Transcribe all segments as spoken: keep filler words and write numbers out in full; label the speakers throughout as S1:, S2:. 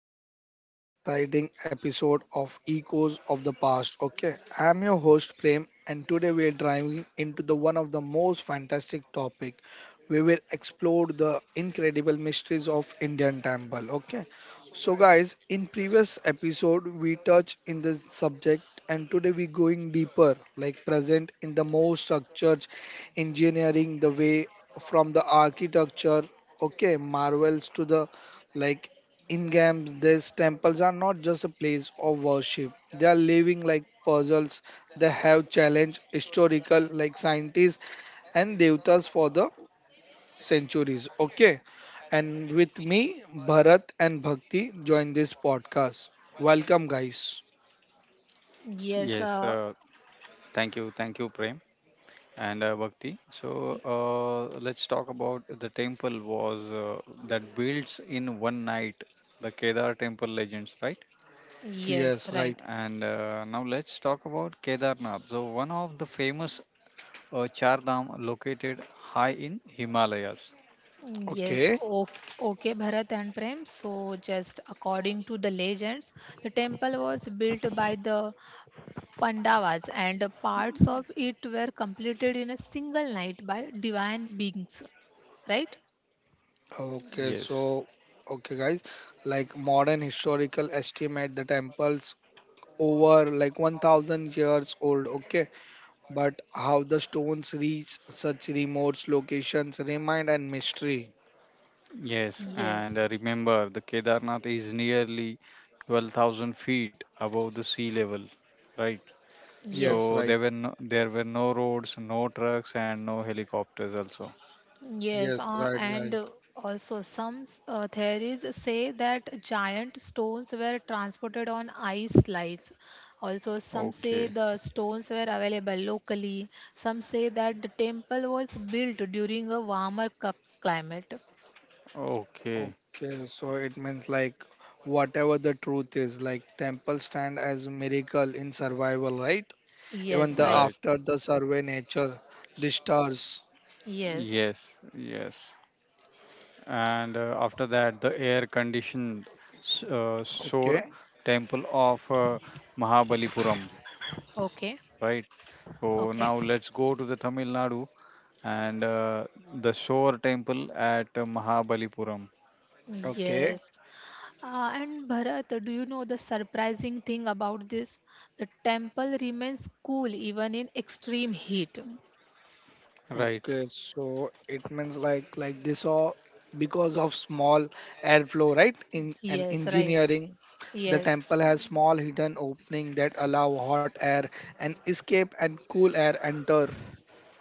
S1: back with another exciting episode of Echoes of the Past. Okay, I am your host Prem, and today we are driving into the one of the most fantastic topic. We will explore the incredible mysteries of Indian temple. Okay, so guys, in previous episode we touched in this subject, and today we going deeper, like present in the most structured engineering, the way from the architecture okay marvels to the like in games, these temples are not just a place of worship. They are living like puzzles. They have challenged historical like scientists and devatas for the centuries. Okay. And with me, Bharat and Bhakti join this podcast. Welcome guys.
S2: Yes,
S3: Yes, uh,
S2: uh, thank you, thank you, Prem and uh, Bhakti. So
S3: y-
S2: uh, let's talk about the temple was uh, that builds in one night, the Kedar temple legends, right?
S1: Yes,
S3: yes,
S1: right.
S3: right.
S2: And uh, now let's talk about Kedarnath. So one of the famous uh, Char Dham located high in Himalayas.
S3: Yes,
S1: Okay.
S3: okay, okay, Bharat and Prem. So, just according to the legends, the temple was built by the Pandavas, and parts of it were completed in a single night by divine beings, right?
S1: Okay,
S2: Yes,
S1: so okay guys, like modern historical estimate the temples over like one thousand years old, okay? But how the stones reach such remote locations remind and mystery.
S2: yes, and
S3: Yes,
S2: uh, remember the Kedarnath is nearly twelve thousand feet above the sea level, right?
S1: Yes,
S3: yes,
S2: So there
S1: right.
S2: were no, there were no roads, no trucks, and no helicopters also.
S3: Yes,
S1: Yes,
S3: uh,
S1: right,
S3: and
S1: guys.
S3: uh, also some uh, theories say that giant stones were transported on ice slides. Also, some say
S2: Okay,
S3: the stones were available locally. Some say that the temple was built during a warmer cu- climate.
S2: okay,
S1: Okay, so it means like whatever the truth is, like temple stand as miracle in survival, right? Even
S3: Yes,
S1: the
S3: right.
S2: right.
S1: after the survey nature disturbs.
S3: Yes.
S2: Yes, yes. And uh, after that, the air-conditioned s- uh, shore
S1: Okay,
S2: temple of uh, Mahabalipuram,
S3: Okay.
S2: right? So
S3: Okay.
S2: now let's go to the Tamil Nadu and uh, the shore temple at uh, Mahabalipuram,
S1: okay,
S3: Yes. Uh, and Bharat, do you know the surprising thing about this? The temple remains cool even in extreme heat.
S2: right?
S1: okay. So it means like like this all because of small airflow, right? In an
S3: Yes, right.
S1: engineering, the
S3: Yes,
S1: temple has small hidden opening that allow hot air and escape and cool air enter.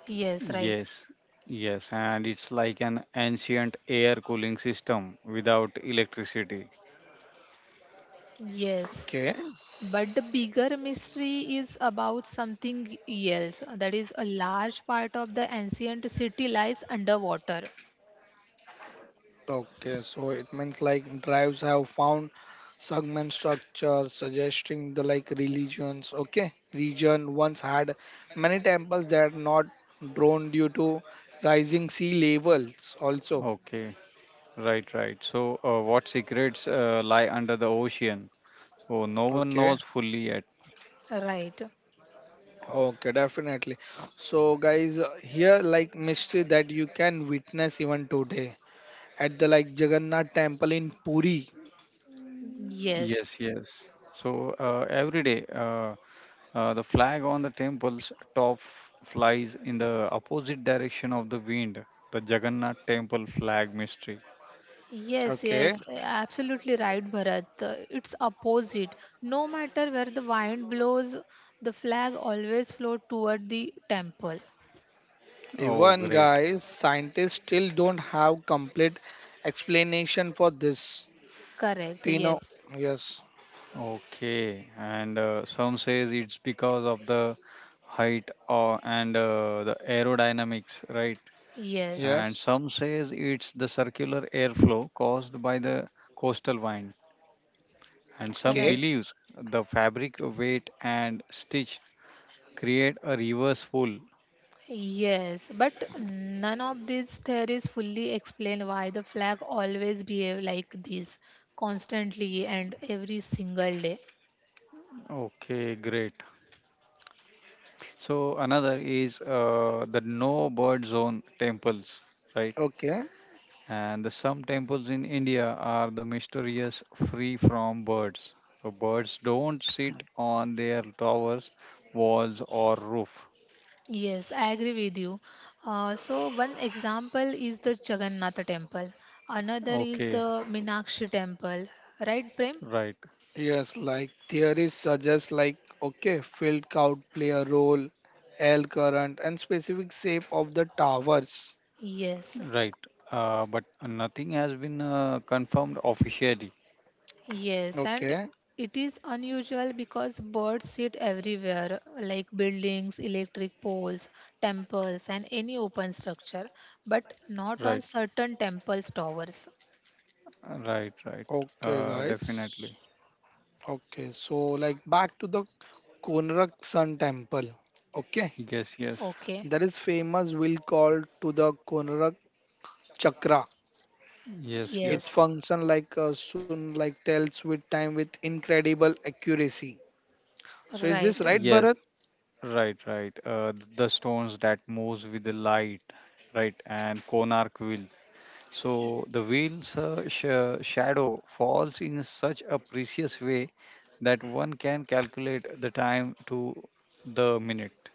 S3: yes, right.
S2: Yes, yes, and it's like an ancient air cooling system without electricity.
S3: Yes.
S1: Okay.
S3: But the bigger mystery is about something else. That is, a large part of the ancient city lies underwater.
S1: Okay, so it means like drives have found segment structures suggesting the like religions. Okay, region once had many temples that are not drawn due to rising sea levels also.
S2: Okay, right, right. So, uh, what secrets uh, lie under the ocean? So, no one
S1: Okay,
S2: knows fully yet.
S3: Right.
S1: okay, definitely. So, guys, uh, here like mystery that you can witness even today at the like Jagannath temple in Puri.
S3: Yes.
S2: Yes, yes. So, uh, every day, uh, uh, the flag on the temple's top f- flies in the opposite direction of the wind, the Jagannath temple flag mystery.
S3: Yes,
S1: Okay,
S3: yes, absolutely right, Bharat. Uh, It's opposite. No matter where the wind blows, the flag always float toward the temple.
S2: Oh,
S1: even
S2: great.
S1: guys, scientists still don't have complete explanation for this.
S3: Correct.
S1: Pino,
S3: Yes.
S1: yes,
S2: Okay, and uh, some says it's because of the height or and uh, the aerodynamics, right?
S3: Yes.
S2: And
S1: yes,
S2: some says it's the circular airflow caused by the coastal wind. And some
S1: okay,
S3: Right.
S2: believes the fabric weight and stitch create a reverse pull.
S3: Yes, but none of these theories fully explain why the flag always behave like this constantly and every single day.
S2: Okay, great. So another is uh, the no bird zone temples, right?
S1: okay,
S2: And the some temples in India are the mysterious free from birds. The birds don't sit on their towers, walls, or roof.
S3: Yes, I agree with you. Uh, so one example is the Jagannath temple. Another is
S2: Okay,
S3: the Minakshi temple. Right, Prem?
S2: right,
S1: yes. Like theories suggest, like okay, field count play a role, L current and specific shape of the towers.
S3: Yes.
S2: right. Uh, but nothing has been uh, confirmed officially.
S3: Yes, and
S1: Okay,
S3: it is unusual because birds sit everywhere, like buildings, electric poles, temples, and any open structure, but not
S2: Right,
S3: on certain temples' towers.
S2: right, right.
S1: okay,
S2: Uh,
S1: guys.
S2: definitely.
S1: Okay, so like back to the Konark Sun Temple. Okay.
S2: Yes, yes,
S3: Okay,
S1: There is famous wheel called to the Konarak Chakra.
S2: yes,
S1: It
S3: yes,
S2: yes,
S1: functions like a sun like tells with time with incredible accuracy. So is this
S3: right.
S1: right,
S2: yes.
S1: Bharat?
S2: Right, right. Uh, the stones that moves with the light, right, and Konark wheel. So the whale's uh, sh- shadow falls in such a precise way that one can calculate the time to the minute.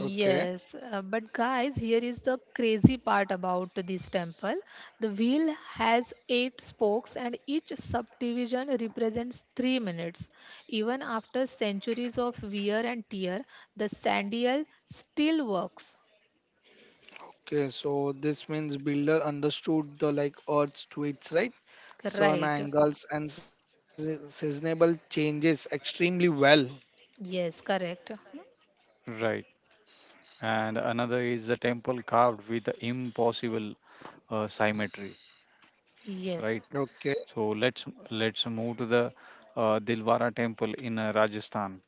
S1: Okay.
S3: uh, but guys, here is the crazy part about this temple. The wheel has eight spokes, and each subdivision represents three minutes. Even after centuries of wear and tear, the sandal still works.
S1: Okay, so this means builder understood the like Earth's twists, right? Sun
S3: Right.
S1: angles and se- seasonable changes extremely well.
S3: Yes, correct.
S2: Right. And another is the temple carved with the impossible uh, symmetry.
S3: Yes.
S2: Right.
S1: Okay.
S2: So let's let's move to the uh, Dilwara temple in uh, Rajasthan.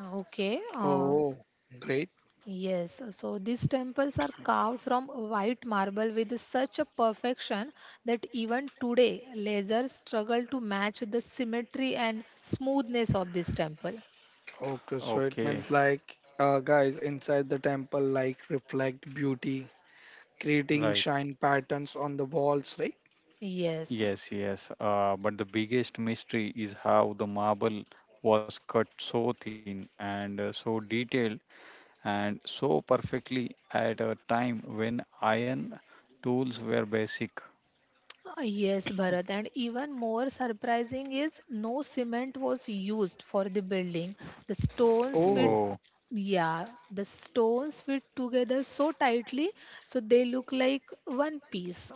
S3: Okay. Uh,
S1: Oh, great.
S3: Yes, so these temples are carved from white marble with such a perfection that even today lasers struggle to match the symmetry and smoothness of this temple.
S1: Okay, so it
S2: Okay.
S1: means like uh, guys inside the temple like reflect beauty creating
S2: Right.
S1: shine patterns on the walls, right?
S3: Yes,
S2: Yes. Yes. Uh, but the biggest mystery is how the marble was cut so thin and uh, so detailed and so perfectly at a time when iron tools were basic.
S3: Uh, yes, Bharat, and even more surprising is no cement was used for the building. The stones
S1: Oh,
S3: fit
S2: Oh,
S3: yeah, the stones fit together so tightly, so they look like one piece.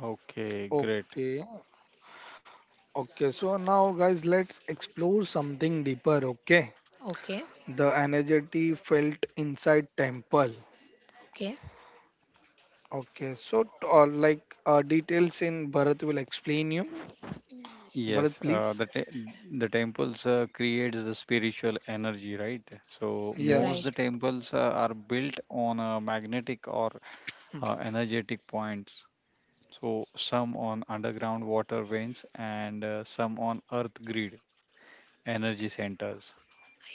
S2: okay, great.
S1: okay. Okay, so now, guys, let's explore something deeper, okay?
S3: Okay,
S1: The energy felt inside temple.
S3: okay,
S1: Okay, so t- uh, like uh, details in Bharat will explain you.
S2: Yes,
S1: Bharat,
S2: uh, the
S1: please.
S2: te- the temples uh, creates the spiritual energy, right? So most
S3: right.
S2: the
S1: Yes.
S2: temples uh, are built on uh, magnetic or uh, energetic points. So some on underground water veins and uh, some on earth grid energy centers.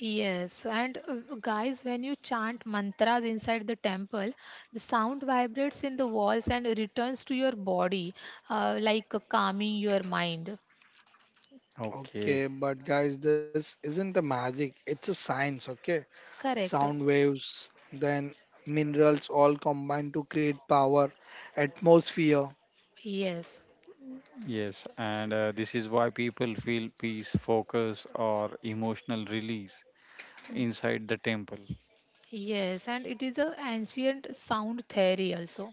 S3: Yes, and uh, guys, when you chant mantras inside the temple, the sound vibrates in the walls and returns to your body, uh, like uh, calming your mind.
S2: Okay.
S1: Okay, but guys, this isn't a magic, it's a science, okay?
S3: Correct.
S1: Sound waves, then minerals all combine to create power, atmosphere.
S3: Yes,
S2: Yes, and uh, this is why people feel peace, focus, or emotional release inside the temple.
S3: yes, and it is a ancient sound theory also.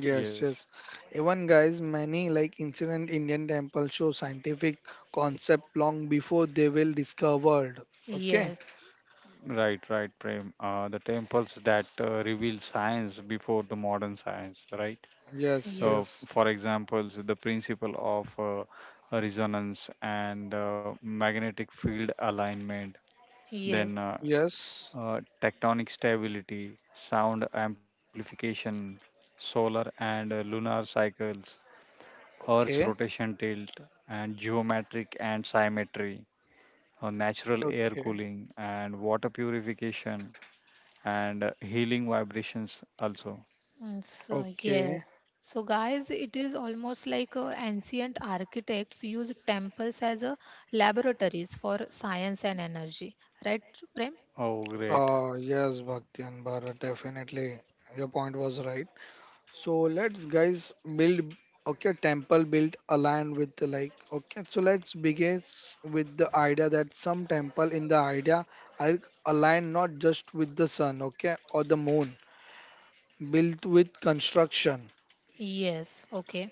S1: Yes,
S2: Yes,
S1: yes. Even guys, many like ancient Indian temples show scientific concept long before they will discovered. Okay.
S3: Yes,
S2: right, right, Prem. Uh, the temples that uh, reveal science before the modern science, right?
S1: Yes,
S3: yes,
S2: So,
S1: yes,
S2: for example, the principle of uh, resonance and uh, magnetic field alignment,
S3: yes.
S2: then uh,
S1: yes.
S2: uh, tectonic stability, sound amplification, solar and uh, lunar cycles, Earth's
S1: Okay,
S2: rotation tilt and geometric and symmetry, uh, natural air
S1: okay,
S2: cooling and water purification and uh, healing vibrations also.
S3: Mm, So, yeah.
S1: okay.
S3: So, guys, it is almost like uh, ancient architects use temples as a laboratories for science and energy, right, Prem?
S2: Oh, great.
S1: Uh, yes, Bhakti and Bharat, definitely. Your point was right. So let's guys build okay temple build align with the like okay, so let's begins with the idea that some temple in the idea are aligned not just with the sun okay or the moon built with construction,
S3: Yes, okay.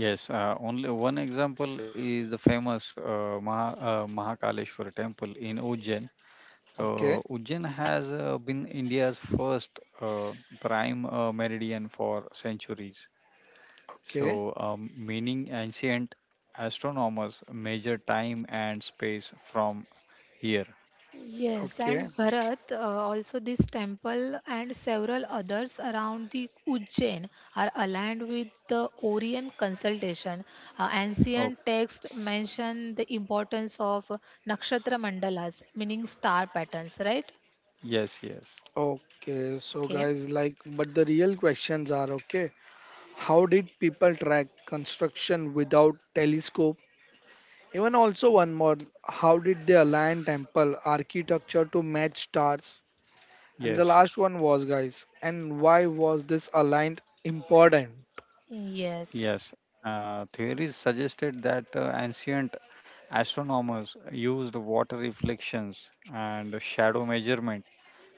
S2: Yes, uh, only one example is the famous uh, Maha, uh, Mahakaleshwara temple in Ujjain. Uh,
S1: okay,
S2: Ujjain has uh, been India's first uh, prime uh, meridian for centuries.
S1: okay,
S2: So, um, meaning ancient astronomers measure time and space from here.
S3: Yes,
S1: okay.
S3: and Bharat, uh, also this temple and several others around the Ujjain are aligned with the Orient consultation. Uh,
S2: Oh,
S3: ancient texts mention the importance of nakshatra mandalas, meaning star patterns, right?
S2: yes, yes,
S1: Okay, so
S3: Okay.
S1: guys like but the real questions are okay, how did people track construction without telescope? Even also one more, how did they align temple architecture to match stars? And the
S2: yes,
S1: last one was guys, and why was this aligned important?
S3: Yes,
S2: yes. Uh, theories suggested that uh, ancient astronomers used water reflections and shadow measurement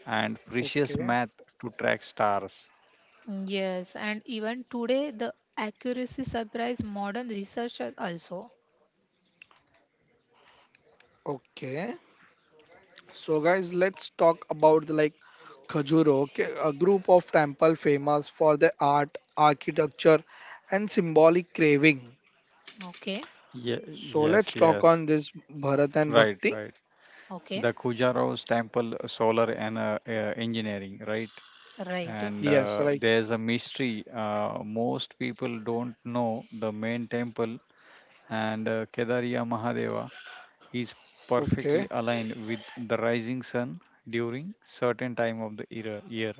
S2: and precious
S1: Okay,
S2: math to track stars.
S3: yes, and even today the accuracy surprise modern researchers also.
S1: okay. So guys, let's talk about the like Khajuro, okay, a group of temple famous for their art, architecture, and symbolic craving.
S3: Okay,
S2: Ye-
S1: So let's
S2: yes,
S1: talk
S2: yes.
S1: on this Bharat and
S2: Right,
S1: Bhakti.
S2: right.
S3: okay,
S2: The Khujarov's temple solar and uh, uh, engineering, right?
S3: right.
S2: And
S1: Yes,
S2: uh,
S1: right.
S2: there's a mystery. Uh, most people don't know the main temple and uh, Kedariya Mahadeva is
S1: Okay,
S2: perfectly aligned with the rising sun during certain time of the era, year.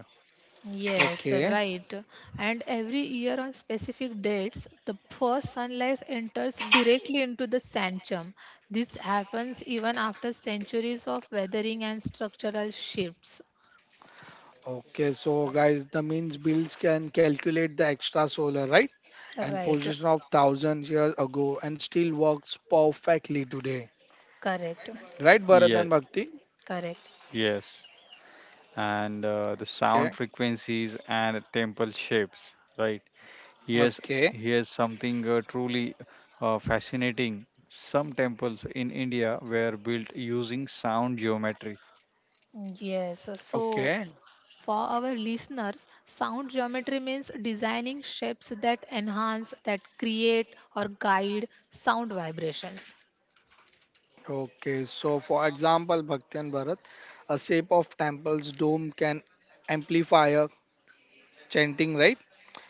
S3: Yes,
S1: okay.
S3: right. And every year on specific dates, the first sunlight enters directly into the sanctum. This happens even after centuries of weathering and structural shifts.
S1: Okay, so guys, the means bills can calculate the extra solar, right? And
S3: Right.
S1: position of thousands years ago and still works perfectly today.
S3: Correct.
S1: Right, Bharat
S2: Yeah,
S1: and Bhakti?
S3: Correct.
S2: yes, and uh, the sound
S1: Okay,
S2: frequencies and temple shapes. Right. Here's
S1: okay,
S2: here's something uh, truly uh, fascinating. Some temples in India were built using sound geometry.
S3: Yes. So,
S1: okay,
S3: for our listeners, sound geometry means designing shapes that enhance, that create, or guide sound vibrations.
S1: okay. So, for example, Bhakti and Bharat, a shape of temple's dome can amplify a chanting, right?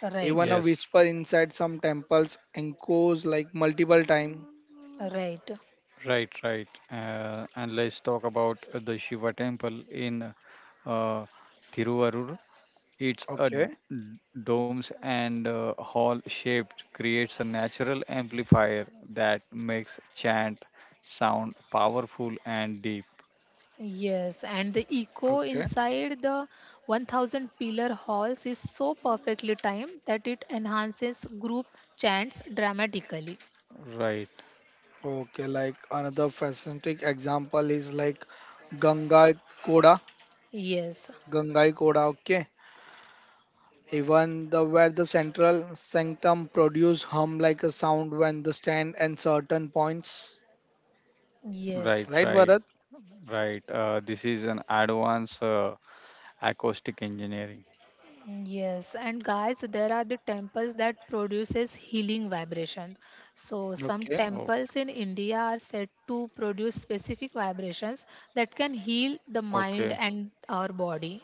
S3: Right.
S1: Even a
S2: Yes.
S1: whisper inside some temples echoes like multiple time.
S3: Right.
S2: Right, right. Uh, and let's talk about uh, the Shiva temple in uh, Thiruvarur. It's a d-
S1: Okay,
S2: domes and uh, hall shaped, creates a natural amplifier that makes chant sound powerful and deep.
S3: Yes, and the
S1: okay.
S3: echo inside the one thousand pillar halls is so perfectly timed that it enhances group chants dramatically.
S2: Right,
S1: Okay, like another fascinating example is like Gangai Koda.
S3: Yes,
S1: Gangai Koda, okay. Even the where the central sanctum produce hum like a sound when the stand and certain points.
S3: yes,
S2: right,
S1: Right,
S2: right,
S1: Bharat?
S2: right. Uh, this is an advanced uh, acoustic engineering.
S3: yes. And guys, there are the temples that produces healing vibrations. So some
S1: Okay.
S2: O-
S3: temples in India are said to produce specific vibrations that can heal the
S2: okay,
S3: mind and our body.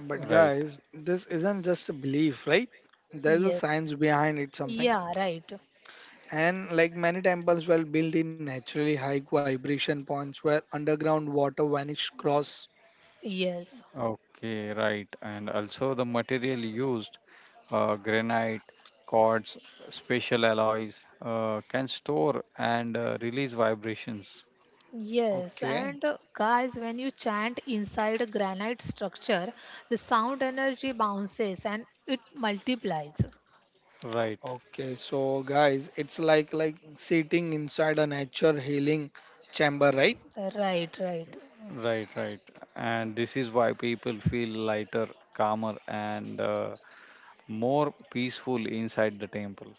S1: But guys, this isn't just a belief, right? There's a
S3: Yes.
S1: science behind it something.
S3: Yeah, right.
S1: And like many temples were built in naturally high vibration points where underground water vanished cross.
S3: Yes.
S2: Okay, right. And also the material used uh, granite, quartz, special alloys uh, can store and uh, release vibrations.
S3: Yes,
S1: Okay.
S3: and uh, guys, when you chant inside a granite structure, the sound energy bounces and it multiplies.
S2: Right,
S1: Okay, so guys, it's like like sitting inside a nature healing chamber, right?
S3: Right, right.
S2: right, right. And this is why people feel lighter, calmer, and uh, more peaceful inside the temple.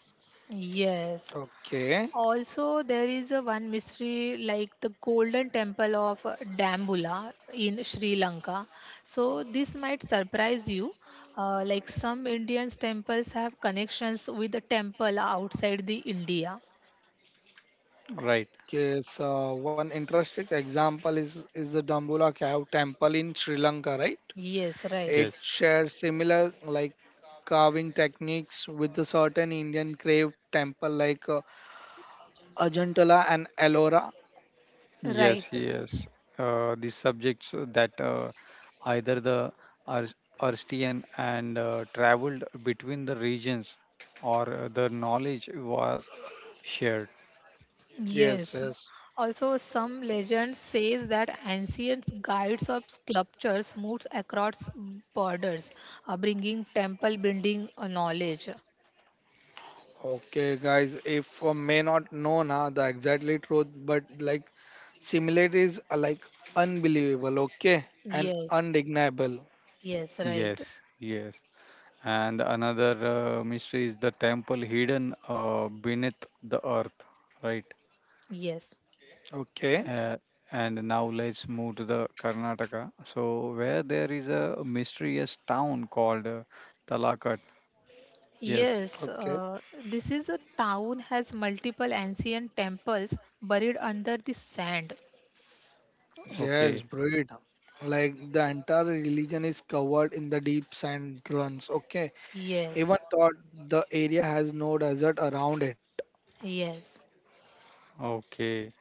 S3: Yes.
S1: Okay.
S3: Also, there is a one mystery like the Golden Temple of uh, Dambula in Sri Lanka. So this might surprise you. Uh, like some Indians temples have connections with the temple outside the India.
S2: Right,
S1: Okay, so one interesting example is is the Dambulla cave temple in Sri Lanka, right?
S3: Yes, right.
S1: It
S2: yes,
S1: shares similar like carving techniques with the certain Indian cave temple like uh, Ajantala and Ellora.
S2: yes,
S3: Right.
S2: yes. Uh, these subjects that uh, either the Ars- Arstian and uh, traveled between the regions or uh, the knowledge was shared.
S1: Yes,
S3: Yes.
S1: yes.
S3: Also, some legends says that ancient guides of sculptures moves across borders, uh, bringing temple building uh, knowledge.
S1: Okay, guys, if uh, may not know na the exactly truth, but like similarities are like unbelievable, okay, and
S3: Yes.
S1: undeniable,
S3: Yes. Right.
S2: Yes, yes. And another uh, mystery is the temple hidden uh, beneath the earth, right?
S3: Yes.
S1: okay,
S2: Uh, and now let's move to the Karnataka. So where there is a mysterious town called uh, Talakat. Yes.
S3: Yes.
S1: okay.
S3: Uh, this is a town has multiple ancient temples buried under the sand.
S1: Yes,
S2: Okay.
S1: breed. Like the entire religion is covered in the deep sand dunes, okay.
S3: Yes.
S1: Even thought the area has no desert around it.
S3: Yes.
S2: Okay.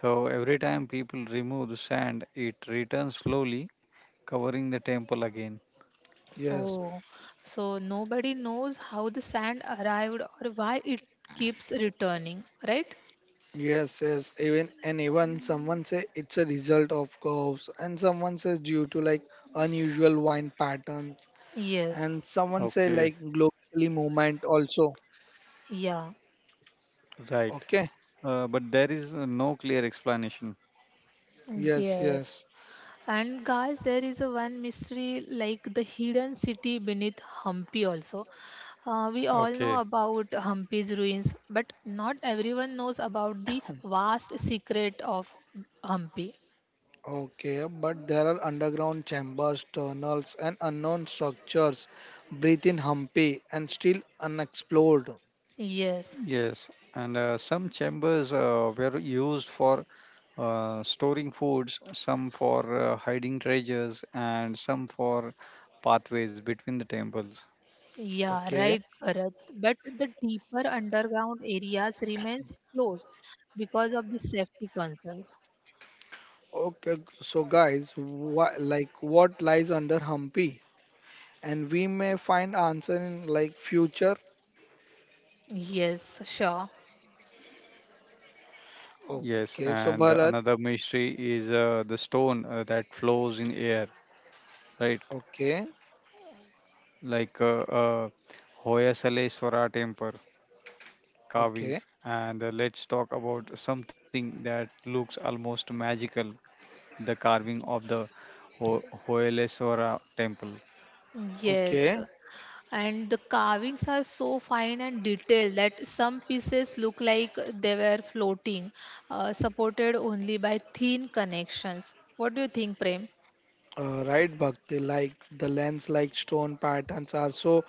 S2: So every time people remove the sand, it returns slowly, covering the temple again.
S1: Yes,
S3: Oh, so nobody knows how the sand arrived or why it keeps returning, right?
S1: yes, yes. Even and even someone say it's a result of curves, and someone says due to like unusual wind pattern, and
S3: Yes,
S1: someone say
S2: Okay.
S1: like globally movement also,
S3: yeah,
S2: Right.
S1: okay,
S2: Uh, but there is uh, no clear explanation.
S1: yes, yes,
S3: yes. And guys, there is a one mystery like the hidden city beneath Hampi also. Uh, we all know
S2: Okay.
S3: about Hampi's ruins, but not everyone knows about the vast secret of Hampi.
S1: okay, but there are underground chambers tunnels and unknown structures breathe in humpy and still unexplored.
S3: Yes,
S2: Yes, and uh, some chambers uh, were used for uh, storing foods, some for uh, hiding treasures, and some for pathways between the temples.
S3: yeah,
S1: Okay,
S3: right, Bharat. But the deeper underground areas remain closed because of the safety concerns.
S1: okay, so guys wha- like what lies under Hampi and we may find answer in like future.
S3: Yes, sure.
S2: Yes,
S1: Okay, so
S2: and
S1: Bharat,
S2: another mystery is uh, the stone uh, that flows in air, right?
S1: okay,
S2: Like uh, uh, Hoya Saleswara temple
S1: okay,
S2: carvings. And uh, let's talk about something that looks almost magical, the carving of the Ho- Hoyaleswara temple.
S3: Yes.
S1: okay,
S3: And the carvings are so fine and detailed that some pieces look like they were floating, uh, supported only by thin connections. What do you think, Prem?
S1: uh, right, Bhakti, like the lens like stone patterns are so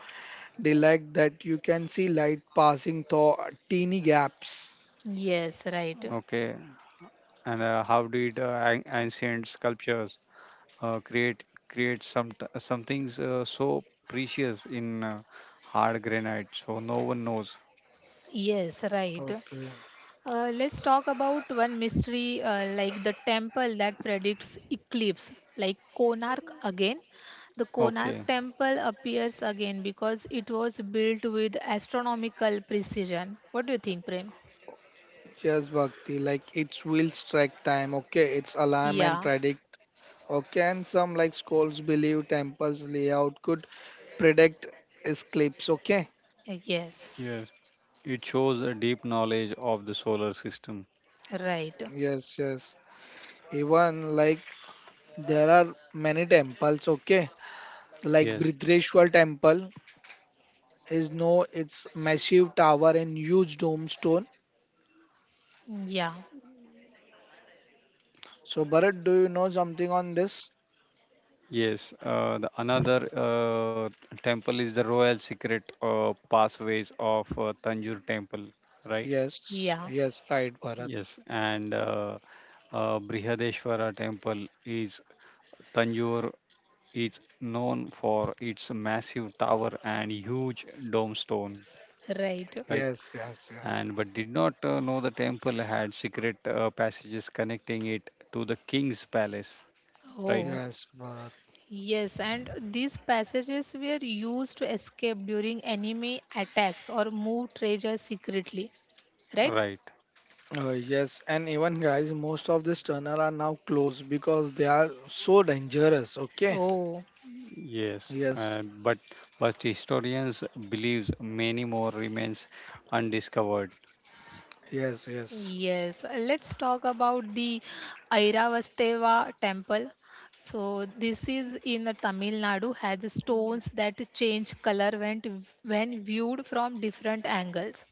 S1: they like that you can see light passing through teeny gaps.
S3: Yes, right.
S2: Okay, and uh, how did uh, an- ancient sculptures uh, create create some t- some things uh, so precious in uh, hard granite, so no one knows.
S3: Yes, right.
S1: Okay.
S3: Uh, let's talk about one mystery uh, like the temple that predicts eclipse, like Konark again. The Konark
S2: Okay,
S3: temple appears again because it was built with astronomical precision. What do you think, Prem?
S1: Yes, Bhakti, like its will strike time, okay, its alarm
S3: Yeah,
S1: and predict, okay, and some like schools believe temples layout could predict eclipse, okay.
S3: uh, yes,
S2: yes, it shows a deep knowledge of the solar system.
S3: right.
S1: Yes, yes. Even like there are many temples, okay, like
S2: Yes,
S1: Bridreshwar temple is no, it's massive tower and huge dome stone.
S3: Yeah,
S1: So, Bharat, do you know something on this?
S2: yes, uh, the another uh, temple is the royal secret uh, pathways of uh, tanjore temple, right.
S1: Yes,
S3: yeah,
S1: yes, right, Bharat.
S2: Yes, and uh, uh, Brihadeshwara temple is Tanjore, is known for its massive tower and huge dome stone,
S3: right.
S2: right?
S1: Yes, yes, yeah.
S2: And but did not uh, know the temple had secret uh, passages connecting it to the king's palace, right?
S3: Oh,
S1: Yes, Bharat.
S3: yes, and these passages were used to escape during enemy attacks or move treasure secretly, right?
S2: Right.
S1: Uh, yes, and even guys, most of these tunnel are now closed because they are so dangerous. Okay.
S3: Oh,
S2: Yes,
S1: Yes,
S2: uh, but but historians believes many more remains undiscovered.
S1: yes, yes.
S3: yes. Let's talk about the Airavasteva temple. So this is in uh, Tamil Nadu has stones that change color when when viewed from different angles.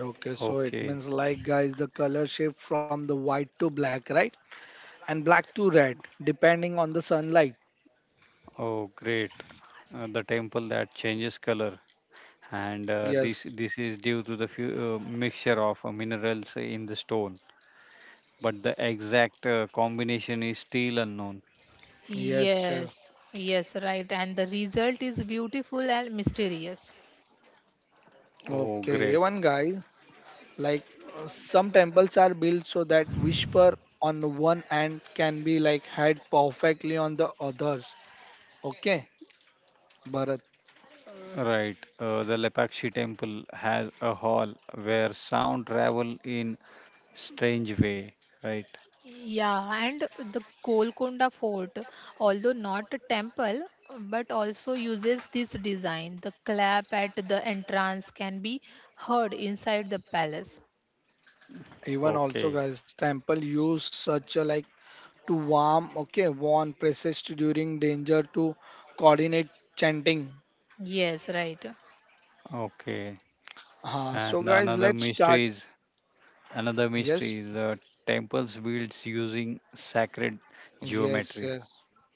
S1: Okay, so it
S2: Okay.
S1: means like guys, the color shift from the white to black, right? And black to red, depending on the sunlight.
S2: Oh, great. Uh, the temple that changes color. And uh, this
S1: Yes,
S2: this is due to the few, uh, mixture of uh, minerals in the stone, but the exact uh, combination is still unknown.
S1: yes,
S3: Yes,
S1: yes.
S3: yes, right. And the result is beautiful and mysterious.
S2: Oh, great.
S1: Okay, even guys, like uh, some temples are built so that whisper on the one end can be like heard perfectly on the others. Okay, Bharat.
S2: Right. Uh, the Lepakshi temple has a hall where sound travel in strange way, right?
S3: Yeah, and the Golconda Fort, although not a temple, but also uses this design. The clap at the entrance can be heard inside the palace.
S1: Even
S2: Okay.
S1: also, guys, temple use such a like to warm, okay, warn priests during danger to coordinate chanting.
S3: Yes, right.
S2: Okay.
S1: Uh, so,
S2: And
S1: guys,
S2: another
S1: let's start.
S2: mystery is another
S1: Yes,
S2: mystery is the temples built using sacred
S1: yes,
S2: geometry.
S1: yes.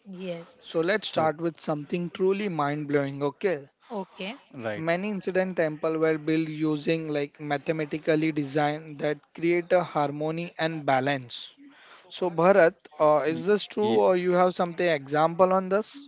S3: Yes.
S1: So let's
S2: So,
S1: start with something truly mind blowing, okay?
S3: Okay.
S2: right.
S1: Many incident temple were built using like mathematically design that create a harmony and balance. So Bharat, uh,
S2: Y-
S1: is this true
S2: y-
S1: or you have something example on this?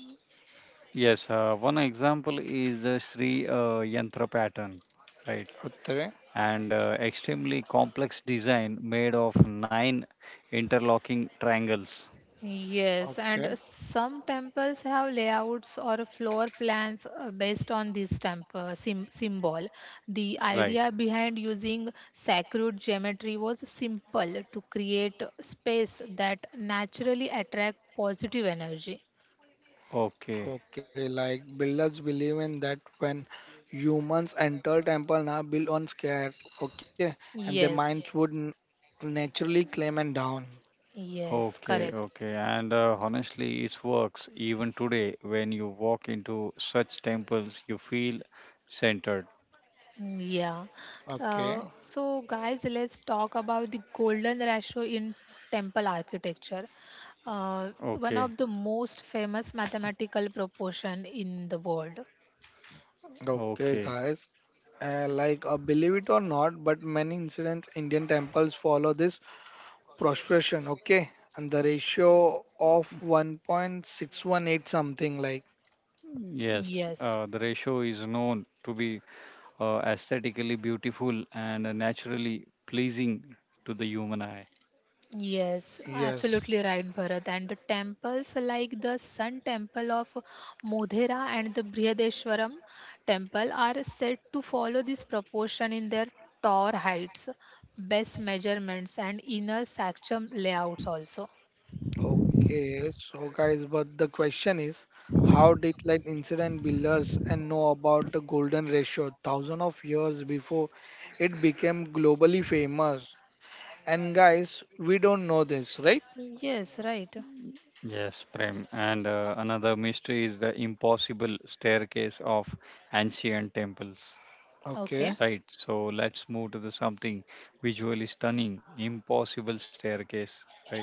S2: yes, uh, one example is the Sri uh, Yantra pattern, right?
S1: Okay,
S2: And uh, extremely complex design made of nine interlocking triangles,
S3: Yes, and
S1: okay,
S3: some temples have layouts or floor plans uh, based on this temple sim- symbol. The
S2: right?
S3: idea behind using sacred geometry was simple to create space that naturally attract positive energy.
S2: Okay,
S1: okay. Like builders believe in that when humans enter temple now build on scare, okay, and their
S3: Yes,
S1: minds would n- naturally climb and down.
S3: yes,
S2: okay,
S3: correct.
S2: okay. And uh, honestly, it works even today. When you walk into such temples, you feel centered.
S3: Yeah.
S1: Okay.
S3: Uh, so, guys, let's talk about the golden ratio in temple architecture. Uh, one
S2: Okay,
S3: of the most famous mathematical proportion in the world.
S1: Okay,
S2: okay.
S1: guys. Uh, like, uh, believe it or not, but many incidents Indian temples follow this prostration. Okay, and the ratio of one point six one eight something like
S2: Yes,
S3: Yes,
S2: uh, the ratio is known to be uh, aesthetically beautiful and uh, naturally pleasing to the human eye.
S3: yes,
S1: yes.
S3: absolutely right, Bharat. And the temples like the Sun Temple of Modhera and the Brihadeshwaram Temple are said to follow this proportion in their tower heights, base measurements, and inner sanctum layouts also.
S1: Okay, so guys, but the question is, how did like incident builders and know about the golden ratio thousand of years before it became globally famous? And guys, we don't know this, right?
S3: Yes, right.
S2: Yes, Prem. And uh, another mystery is the impossible staircase of ancient temples.
S3: Okay.
S1: Okay,
S2: Right. So let's move to the something visually stunning, impossible staircase. Right.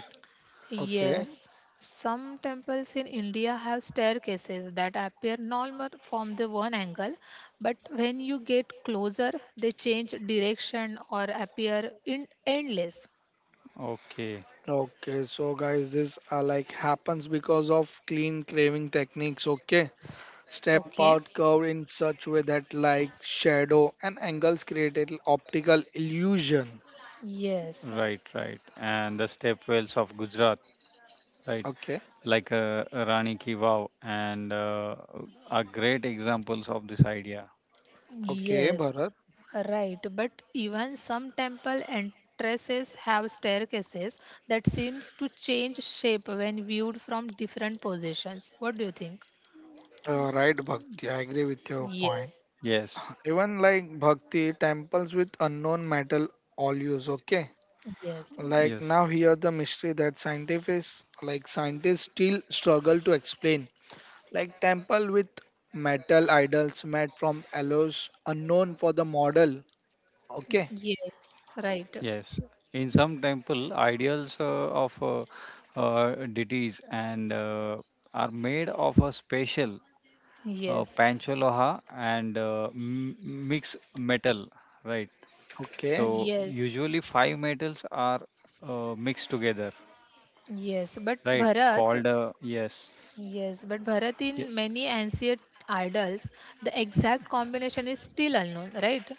S1: okay.
S3: Yes. Some temples in India have staircases that appear normal from the one angle, but when you get closer, they change direction or appear in endless.
S2: Okay.
S1: Okay, so guys, this uh, like happens because of clean craving techniques. Okay, step
S3: Okay.
S1: out curve in such way that like shadow and angles create an optical illusion.
S3: Yes.
S2: Right. Right. And the stepwells of Gujarat. Right.
S1: Okay,
S2: Like uh, Rani Ki Vav and uh, are great examples of this idea.
S1: okay,
S3: Yes.
S1: Bharat.
S3: Right, but even some temple entrances have staircases that seems to change shape when viewed from different positions. What do you think?
S1: Uh, right, Bhakti. I agree with your
S3: Yes,
S1: point.
S2: Yes.
S1: Even like Bhakti temples with unknown metal all use. Okay,
S3: yes,
S2: Yes.
S1: like now here the mystery that scientists like scientists still struggle to explain like temple with metal idols made from alloys unknown for the model. Okay.
S3: Yes, right.
S2: Yes, in some temple, ideals uh, of uh, uh, deities and uh, are made of a special uh,
S3: Yes,
S2: panchaloha and uh, m- mixed metal, right?
S1: Okay.
S2: So
S3: yes,
S2: usually five metals are uh, mixed together,
S3: yes. But
S2: right?
S3: Bharat,
S2: Called uh, yes,
S3: yes, but Bharat
S2: Ye-
S3: in many ancient idols, the exact combination is still unknown, right?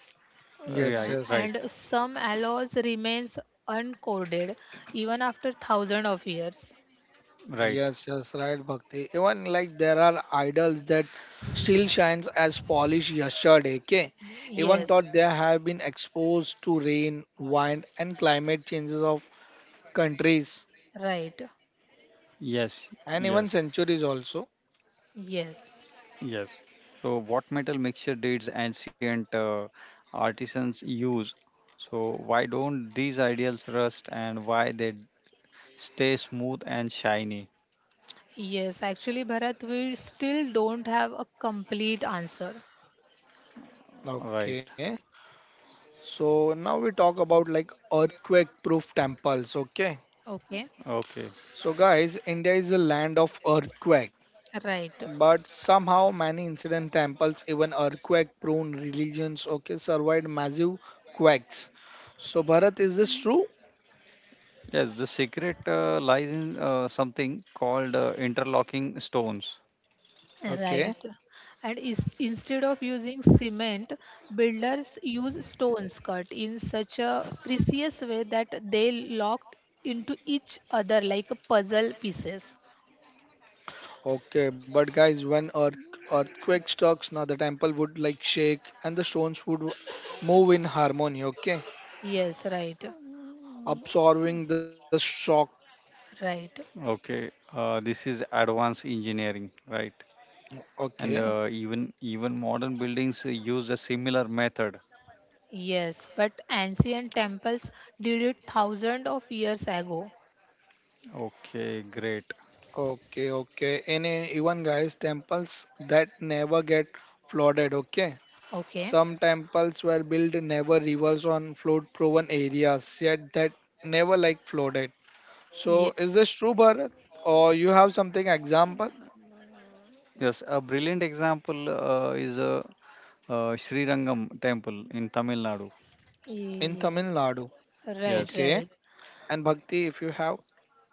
S1: Yes,
S3: Uh,
S2: right,
S1: yes.
S2: right,
S3: And some alloys remains uncoded even after thousand of years.
S2: right.
S1: Yes, yes, right, Bhakti. Even like there are idols that still shines as polished yesterday, okay? Even though
S3: Yes,
S1: they have been exposed to rain, wind and climate changes of countries
S3: right.
S2: Yes, yes.
S1: and even centuries also.
S3: Yes,
S2: Yes. So, what metal mixture did ancient uh, artisans use? So, why don't these ideals rust and why they stay smooth and shiny?
S3: yes. Actually, Bharat, we still don't have a complete answer.
S2: Right.
S1: Okay. So now we talk about like earthquake proof temples, okay?
S3: Okay.
S2: Okay.
S1: So, guys, India is a land of earthquake,
S3: Right,
S1: but somehow many incident temples, even earthquake-prone religions, okay, survived massive quakes. So, Bharat, is this true?
S2: Yes, the secret uh, lies in uh, something called uh, interlocking stones.
S1: Okay,
S3: right. And is, instead of using cement, builders use stones cut in such a precise way that they locked into each other like puzzle pieces.
S1: okay, but guys, when earth earthquake strikes, now the temple would like shake and the stones would move in harmony, okay,
S3: Yes, right,
S1: absorbing the shock.
S3: right.
S2: Okay. Uh, this is advanced engineering, right? And
S1: Okay,
S2: uh, even even modern buildings uh, use a similar method.
S3: Yes, but ancient temples did it thousands of years ago.
S2: Okay, great.
S1: okay, okay, and uh, even guys, temples that never get flooded, okay,
S3: Okay,
S1: some temples were built never rivers on flood prone areas, yet that never like flooded.
S3: yes,
S1: So is this true Bharat? Or you have something example
S2: Yes, a brilliant example uh, is a Uh, Srirangam temple in Tamil Nadu.
S1: in Tamil
S3: yes,
S1: Nadu?
S3: right,
S2: Yes.
S1: Okay.
S3: right.
S1: And Bhakti, if you have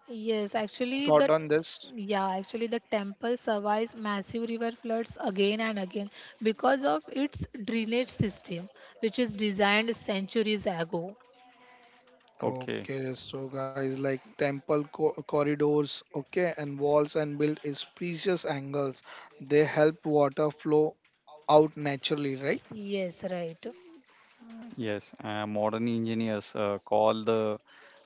S3: Yes, actually the
S1: thought on this.
S3: yeah, actually the temple survives massive river floods again and again because of its drainage system, which is designed centuries ago.
S2: Okay.
S1: Okay, so guys like temple co- corridors, okay, and walls and built is precious angles. They help water flow out naturally, right?
S3: Yes, right.
S2: Yes. Uh, modern engineers uh, call the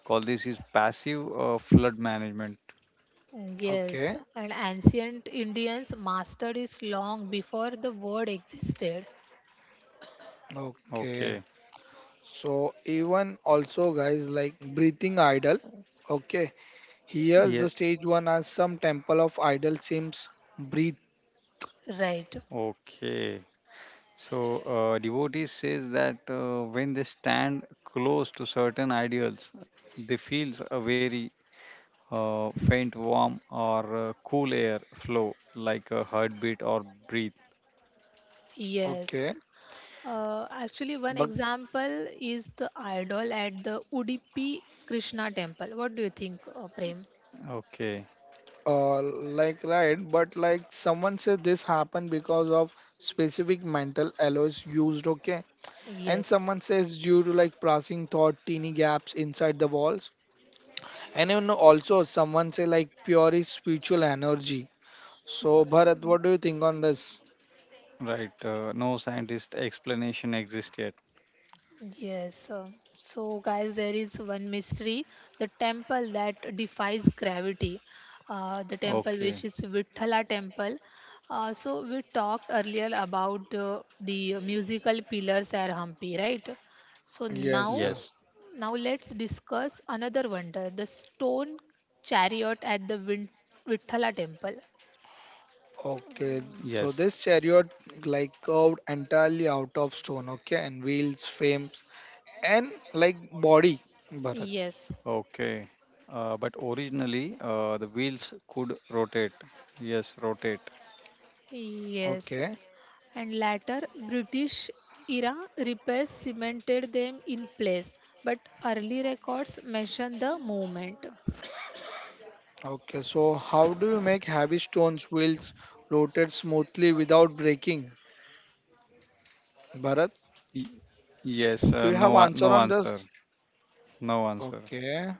S2: call this is passive uh, flood management.
S3: Mm, Yes,
S1: Okay.
S3: and ancient Indians mastered it long before the word existed.
S1: Okay.
S2: Okay.
S1: So even also guys like breathing idol. Okay, here's
S2: Yeah.
S1: the stage one as some temple of idol seems breathe.
S3: Right.
S2: Okay. So uh, devotees says that uh, when they stand close to certain ideals, they feels a very uh, faint warm or uh, cool air flow like a heartbeat or breathe.
S3: Yes.
S1: Okay,
S3: Uh, actually, one
S1: but
S3: example is the idol at the Udupi Krishna temple. What do you think, uh, Prem?
S2: Okay.
S1: uh, like right, but like someone said this happened because of specific mental alloys used. Okay, and
S3: Yes.
S1: someone says due to like passing thought teeny gaps inside the walls, and even also someone say like pure is spiritual energy. So Bharat, what do you think on this?
S2: Right. Uh, no scientist explanation exists yet.
S3: Yes. uh, so, guys, there is one mystery the temple that defies gravity, uh, the temple which
S2: Okay.
S3: is Vithala temple. Uh, so, we talked earlier about uh, the musical pillars at Hampi, right? So, now,
S1: Yes,
S2: Yes.
S1: yes.
S3: now let's discuss another wonder the stone chariot at the Vin- Vithala temple.
S1: Okay,
S2: Yes.
S1: so this chariot like curved entirely out of stone, okay, and wheels, frames, and like body, Bharat.
S3: Yes.
S2: Okay. Uh, but originally, uh, the wheels could rotate. Yes, rotate.
S1: Okay,
S3: Yes. And later British era repairs cemented them in place, but early records mention the movement.
S1: okay, so how do you make heavy stones wheels rotate smoothly without breaking? Bharat,
S2: Y- yes.
S1: do
S2: Uh,
S1: you have
S2: no. a-
S1: answer
S2: No
S1: on
S2: answer.
S1: this?
S2: No answer.
S1: Okay.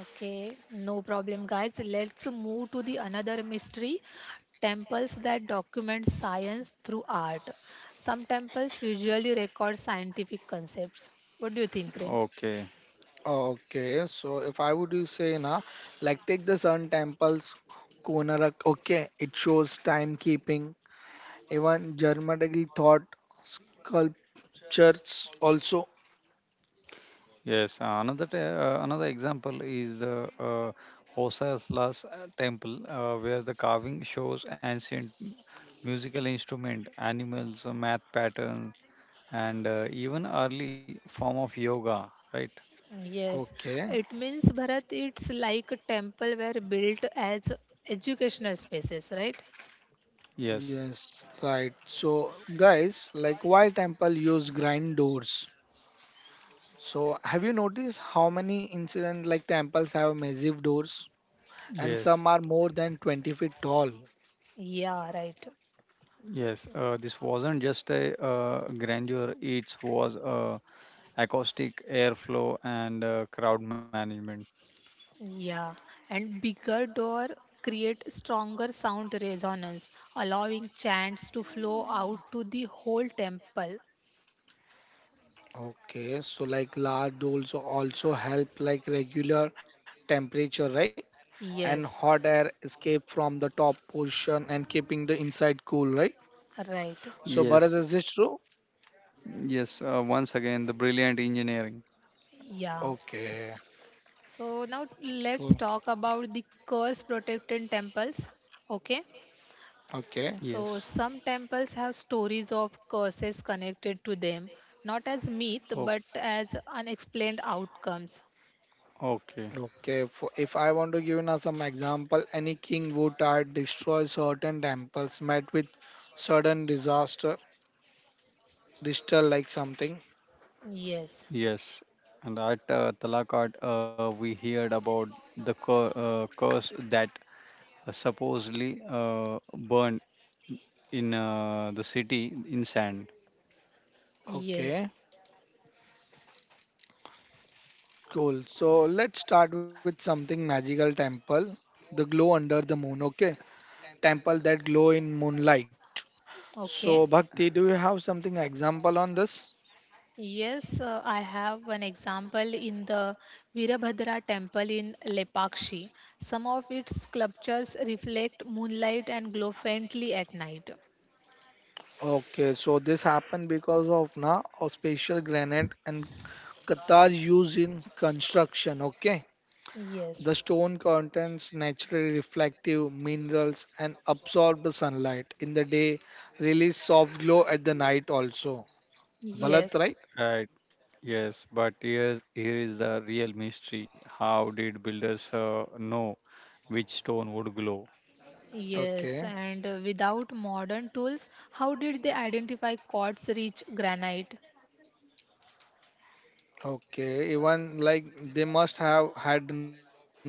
S3: Okay, no problem, guys. Let's move to the another mystery temples that document science through art. Some temples visually record scientific concepts. What do you think, Prem?
S2: Okay.
S1: Okay, so if I would to say na, like take the sun temples, Konarak, okay, it shows timekeeping, even Germanic thought church also,
S2: Yes. Uh, another t- uh, another example is the uh, Hosasla's uh, temple, uh, where the carving shows ancient musical instrument, animals, uh, math patterns, and uh, even early form of yoga. Right.
S3: Yes,
S1: okay,
S3: it means Bharat, it's like a temple were built as educational spaces, right?
S2: Yes.
S1: yes, right, so guys like why temple use grind doors, so have you noticed how many incident like temples have massive doors and some
S2: Yes.
S1: are more than 20 feet tall,
S3: Yeah, right.
S2: Yes, uh, this wasn't just a uh, grandeur, it was uh, acoustic airflow and uh, crowd management.
S3: Yeah, and bigger door create stronger sound resonance, allowing chants to flow out to the whole temple.
S1: okay, so like large doors also help like regular temperature, right, and hot
S3: Yes,
S1: air escape from the top portion and keeping the inside cool, right?
S3: right.
S1: So Bharat
S2: Yes,
S1: is it true?
S2: yes, uh, once again, the brilliant engineering.
S3: Yeah.
S1: Okay,
S3: So now let's
S1: cool.
S3: talk about the curse protected temples. Okay.
S1: Okay.
S3: So
S2: Yes.
S3: some temples have stories of curses connected to them, not as myth but
S2: O-
S3: as unexplained outcomes.
S2: okay.
S1: Okay, for, if I want to give you now some example, any king who tried destroy certain temples met with sudden disaster, disaster like something.
S3: Yes.
S2: Yes. And at uh, Talakad, uh, we heard about the cur- uh, curse that supposedly uh, burned in uh, the city in sand.
S3: Yes.
S1: Okay, cool. So let's start with something magical temple, the glow under the moon. Okay, temple that glow in moonlight.
S3: Okay.
S1: So Bhakti, do you have something example on this?
S3: Yes, uh, I have one example in the Virabhadra temple in Lepakshi. Some of its sculptures reflect moonlight and glow faintly at night.
S1: Okay, so this happened because of na a special granite and Qatar used in construction. Okay.
S3: Yes.
S1: The stone contains naturally reflective minerals and absorb the sunlight in the day, release soft glow at the night also. Bharat,
S3: Yes,
S1: right?
S2: Right. Yes, but here's, here is the real mystery. How did builders uh, know which stone would glow?
S3: yes,
S1: Okay.
S3: and uh, without modern tools, how did they identify quartz rich granite?
S1: Okay. Even like they must have had knowledge of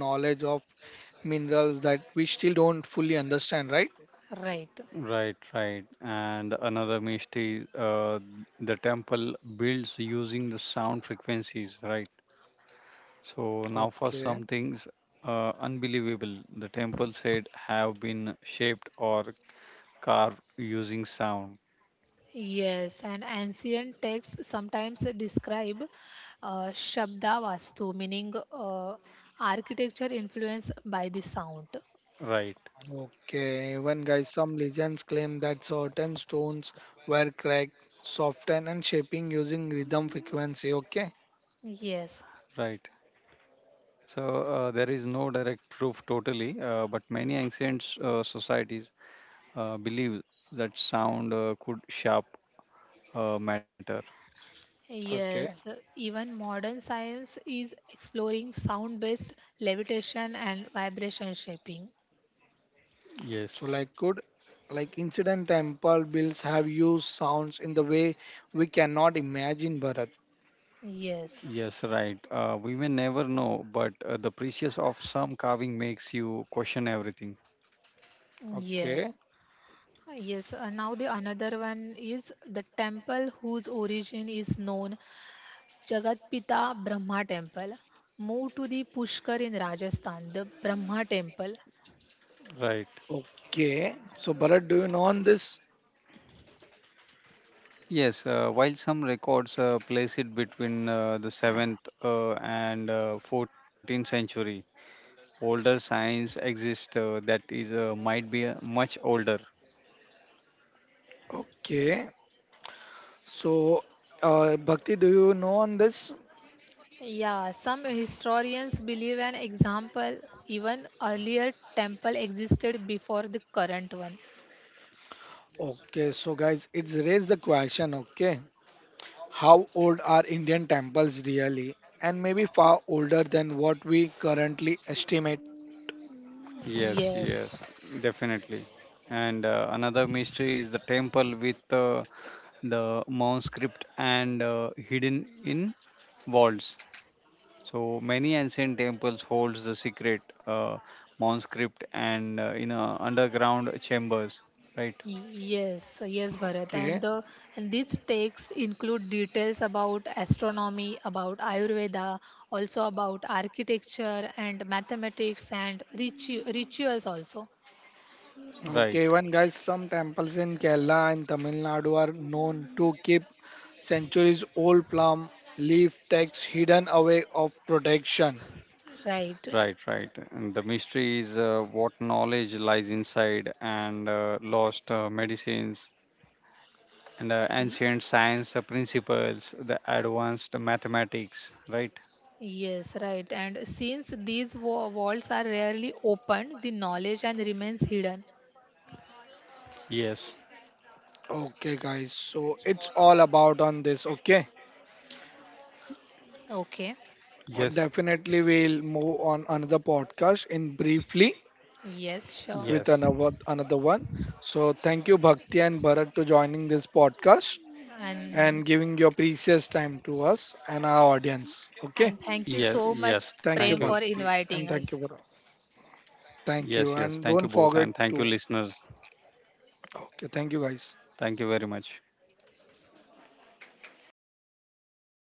S1: minerals that we still don't fully understand, right?
S3: Right.
S2: Right, right. And another mystery, uh, the temple builds using the sound frequencies, right? So now for
S1: Okay.
S2: some things uh, unbelievable, the temple said have been shaped or carved using sound.
S3: Yes, and ancient texts sometimes describe uh, Shabdavastu, meaning uh, architecture influenced by the sound.
S2: Right,
S1: Okay. Even guys, some legends claim that certain stones were cracked, softened, and shaping using rhythm frequency. Okay.
S3: Yes,
S2: right. So uh, there is no direct proof totally, uh, but many ancient uh, societies uh, believe that sound uh, could shape uh, matter.
S1: Okay.
S3: yes, even modern science is exploring sound based levitation and vibration shaping.
S1: So
S2: Yes,
S1: like could like incident temple bills have used sounds in the way we cannot imagine Bharat.
S3: Yes,
S2: yes, right. Uh, we may never know, but uh, the precious of some carving makes you question everything.
S3: yes.
S1: Okay.
S3: Yes, uh, now the another one is the temple whose origin is known Jagatpita Brahma Temple. Move to the Pushkar in Rajasthan, the Brahma Temple.
S2: Right.
S1: Okay. So Bharat, do you know on this?
S2: Yes, uh, while some records uh, place it between uh, the seventh uh, and uh, fourteenth century, older signs exist uh, that is uh, might be uh, much older.
S1: Okay. So uh, Bhakti, do you know on this?
S3: Yeah, some historians believe an example, even earlier temple existed before the current one.
S1: Okay. So guys, it's raised the question. Okay. How old are Indian temples really? And maybe far older than what we currently estimate.
S2: Yes,
S3: Yes,
S2: yes, definitely. And uh, another mystery is the temple with uh, the manuscript and uh, hidden in walls. So many ancient temples holds the secret uh, manuscript and uh, in uh, underground chambers. Right,
S3: yes, yes, Bharat. And
S1: Okay.
S3: the and these texts include details about astronomy, about Ayurveda, also about architecture and mathematics and ritu- rituals also.
S2: right,
S1: Okay, even guys, some temples in Kerala and Tamil Nadu are known to keep centuries old plum leaf texts hidden away of protection.
S3: Right.
S2: right, right. And the mystery is uh, what knowledge lies inside and uh, lost uh, medicines and uh, ancient science uh, principles, the advanced mathematics. Right.
S3: Yes, right. And since these wa- vaults are rarely opened, the knowledge and remains hidden.
S2: Yes,
S1: Okay, guys, so it's all about on this. Okay,
S3: Okay.
S2: yes,
S1: definitely we'll move on another podcast in briefly
S3: Yes, sure.
S1: with
S2: yes,
S1: another another one. So thank you Bhakti and Bharat to joining this podcast
S3: And
S1: and giving your precious time to us and our audience. Okay,
S3: and thank you so
S2: yes,
S3: much,
S2: yes.
S1: thank you
S3: Prem,
S2: Thank
S3: for
S2: you.
S1: Bhakti
S3: inviting
S1: and thank
S3: us.
S1: you Bharat. Thank
S2: Yes,
S1: you.
S2: yes.
S1: And
S2: Thank you
S1: don't
S2: both.
S1: forget
S2: And thank you,
S1: to.
S2: listeners.
S1: Okay, thank you guys.
S2: Thank you very much.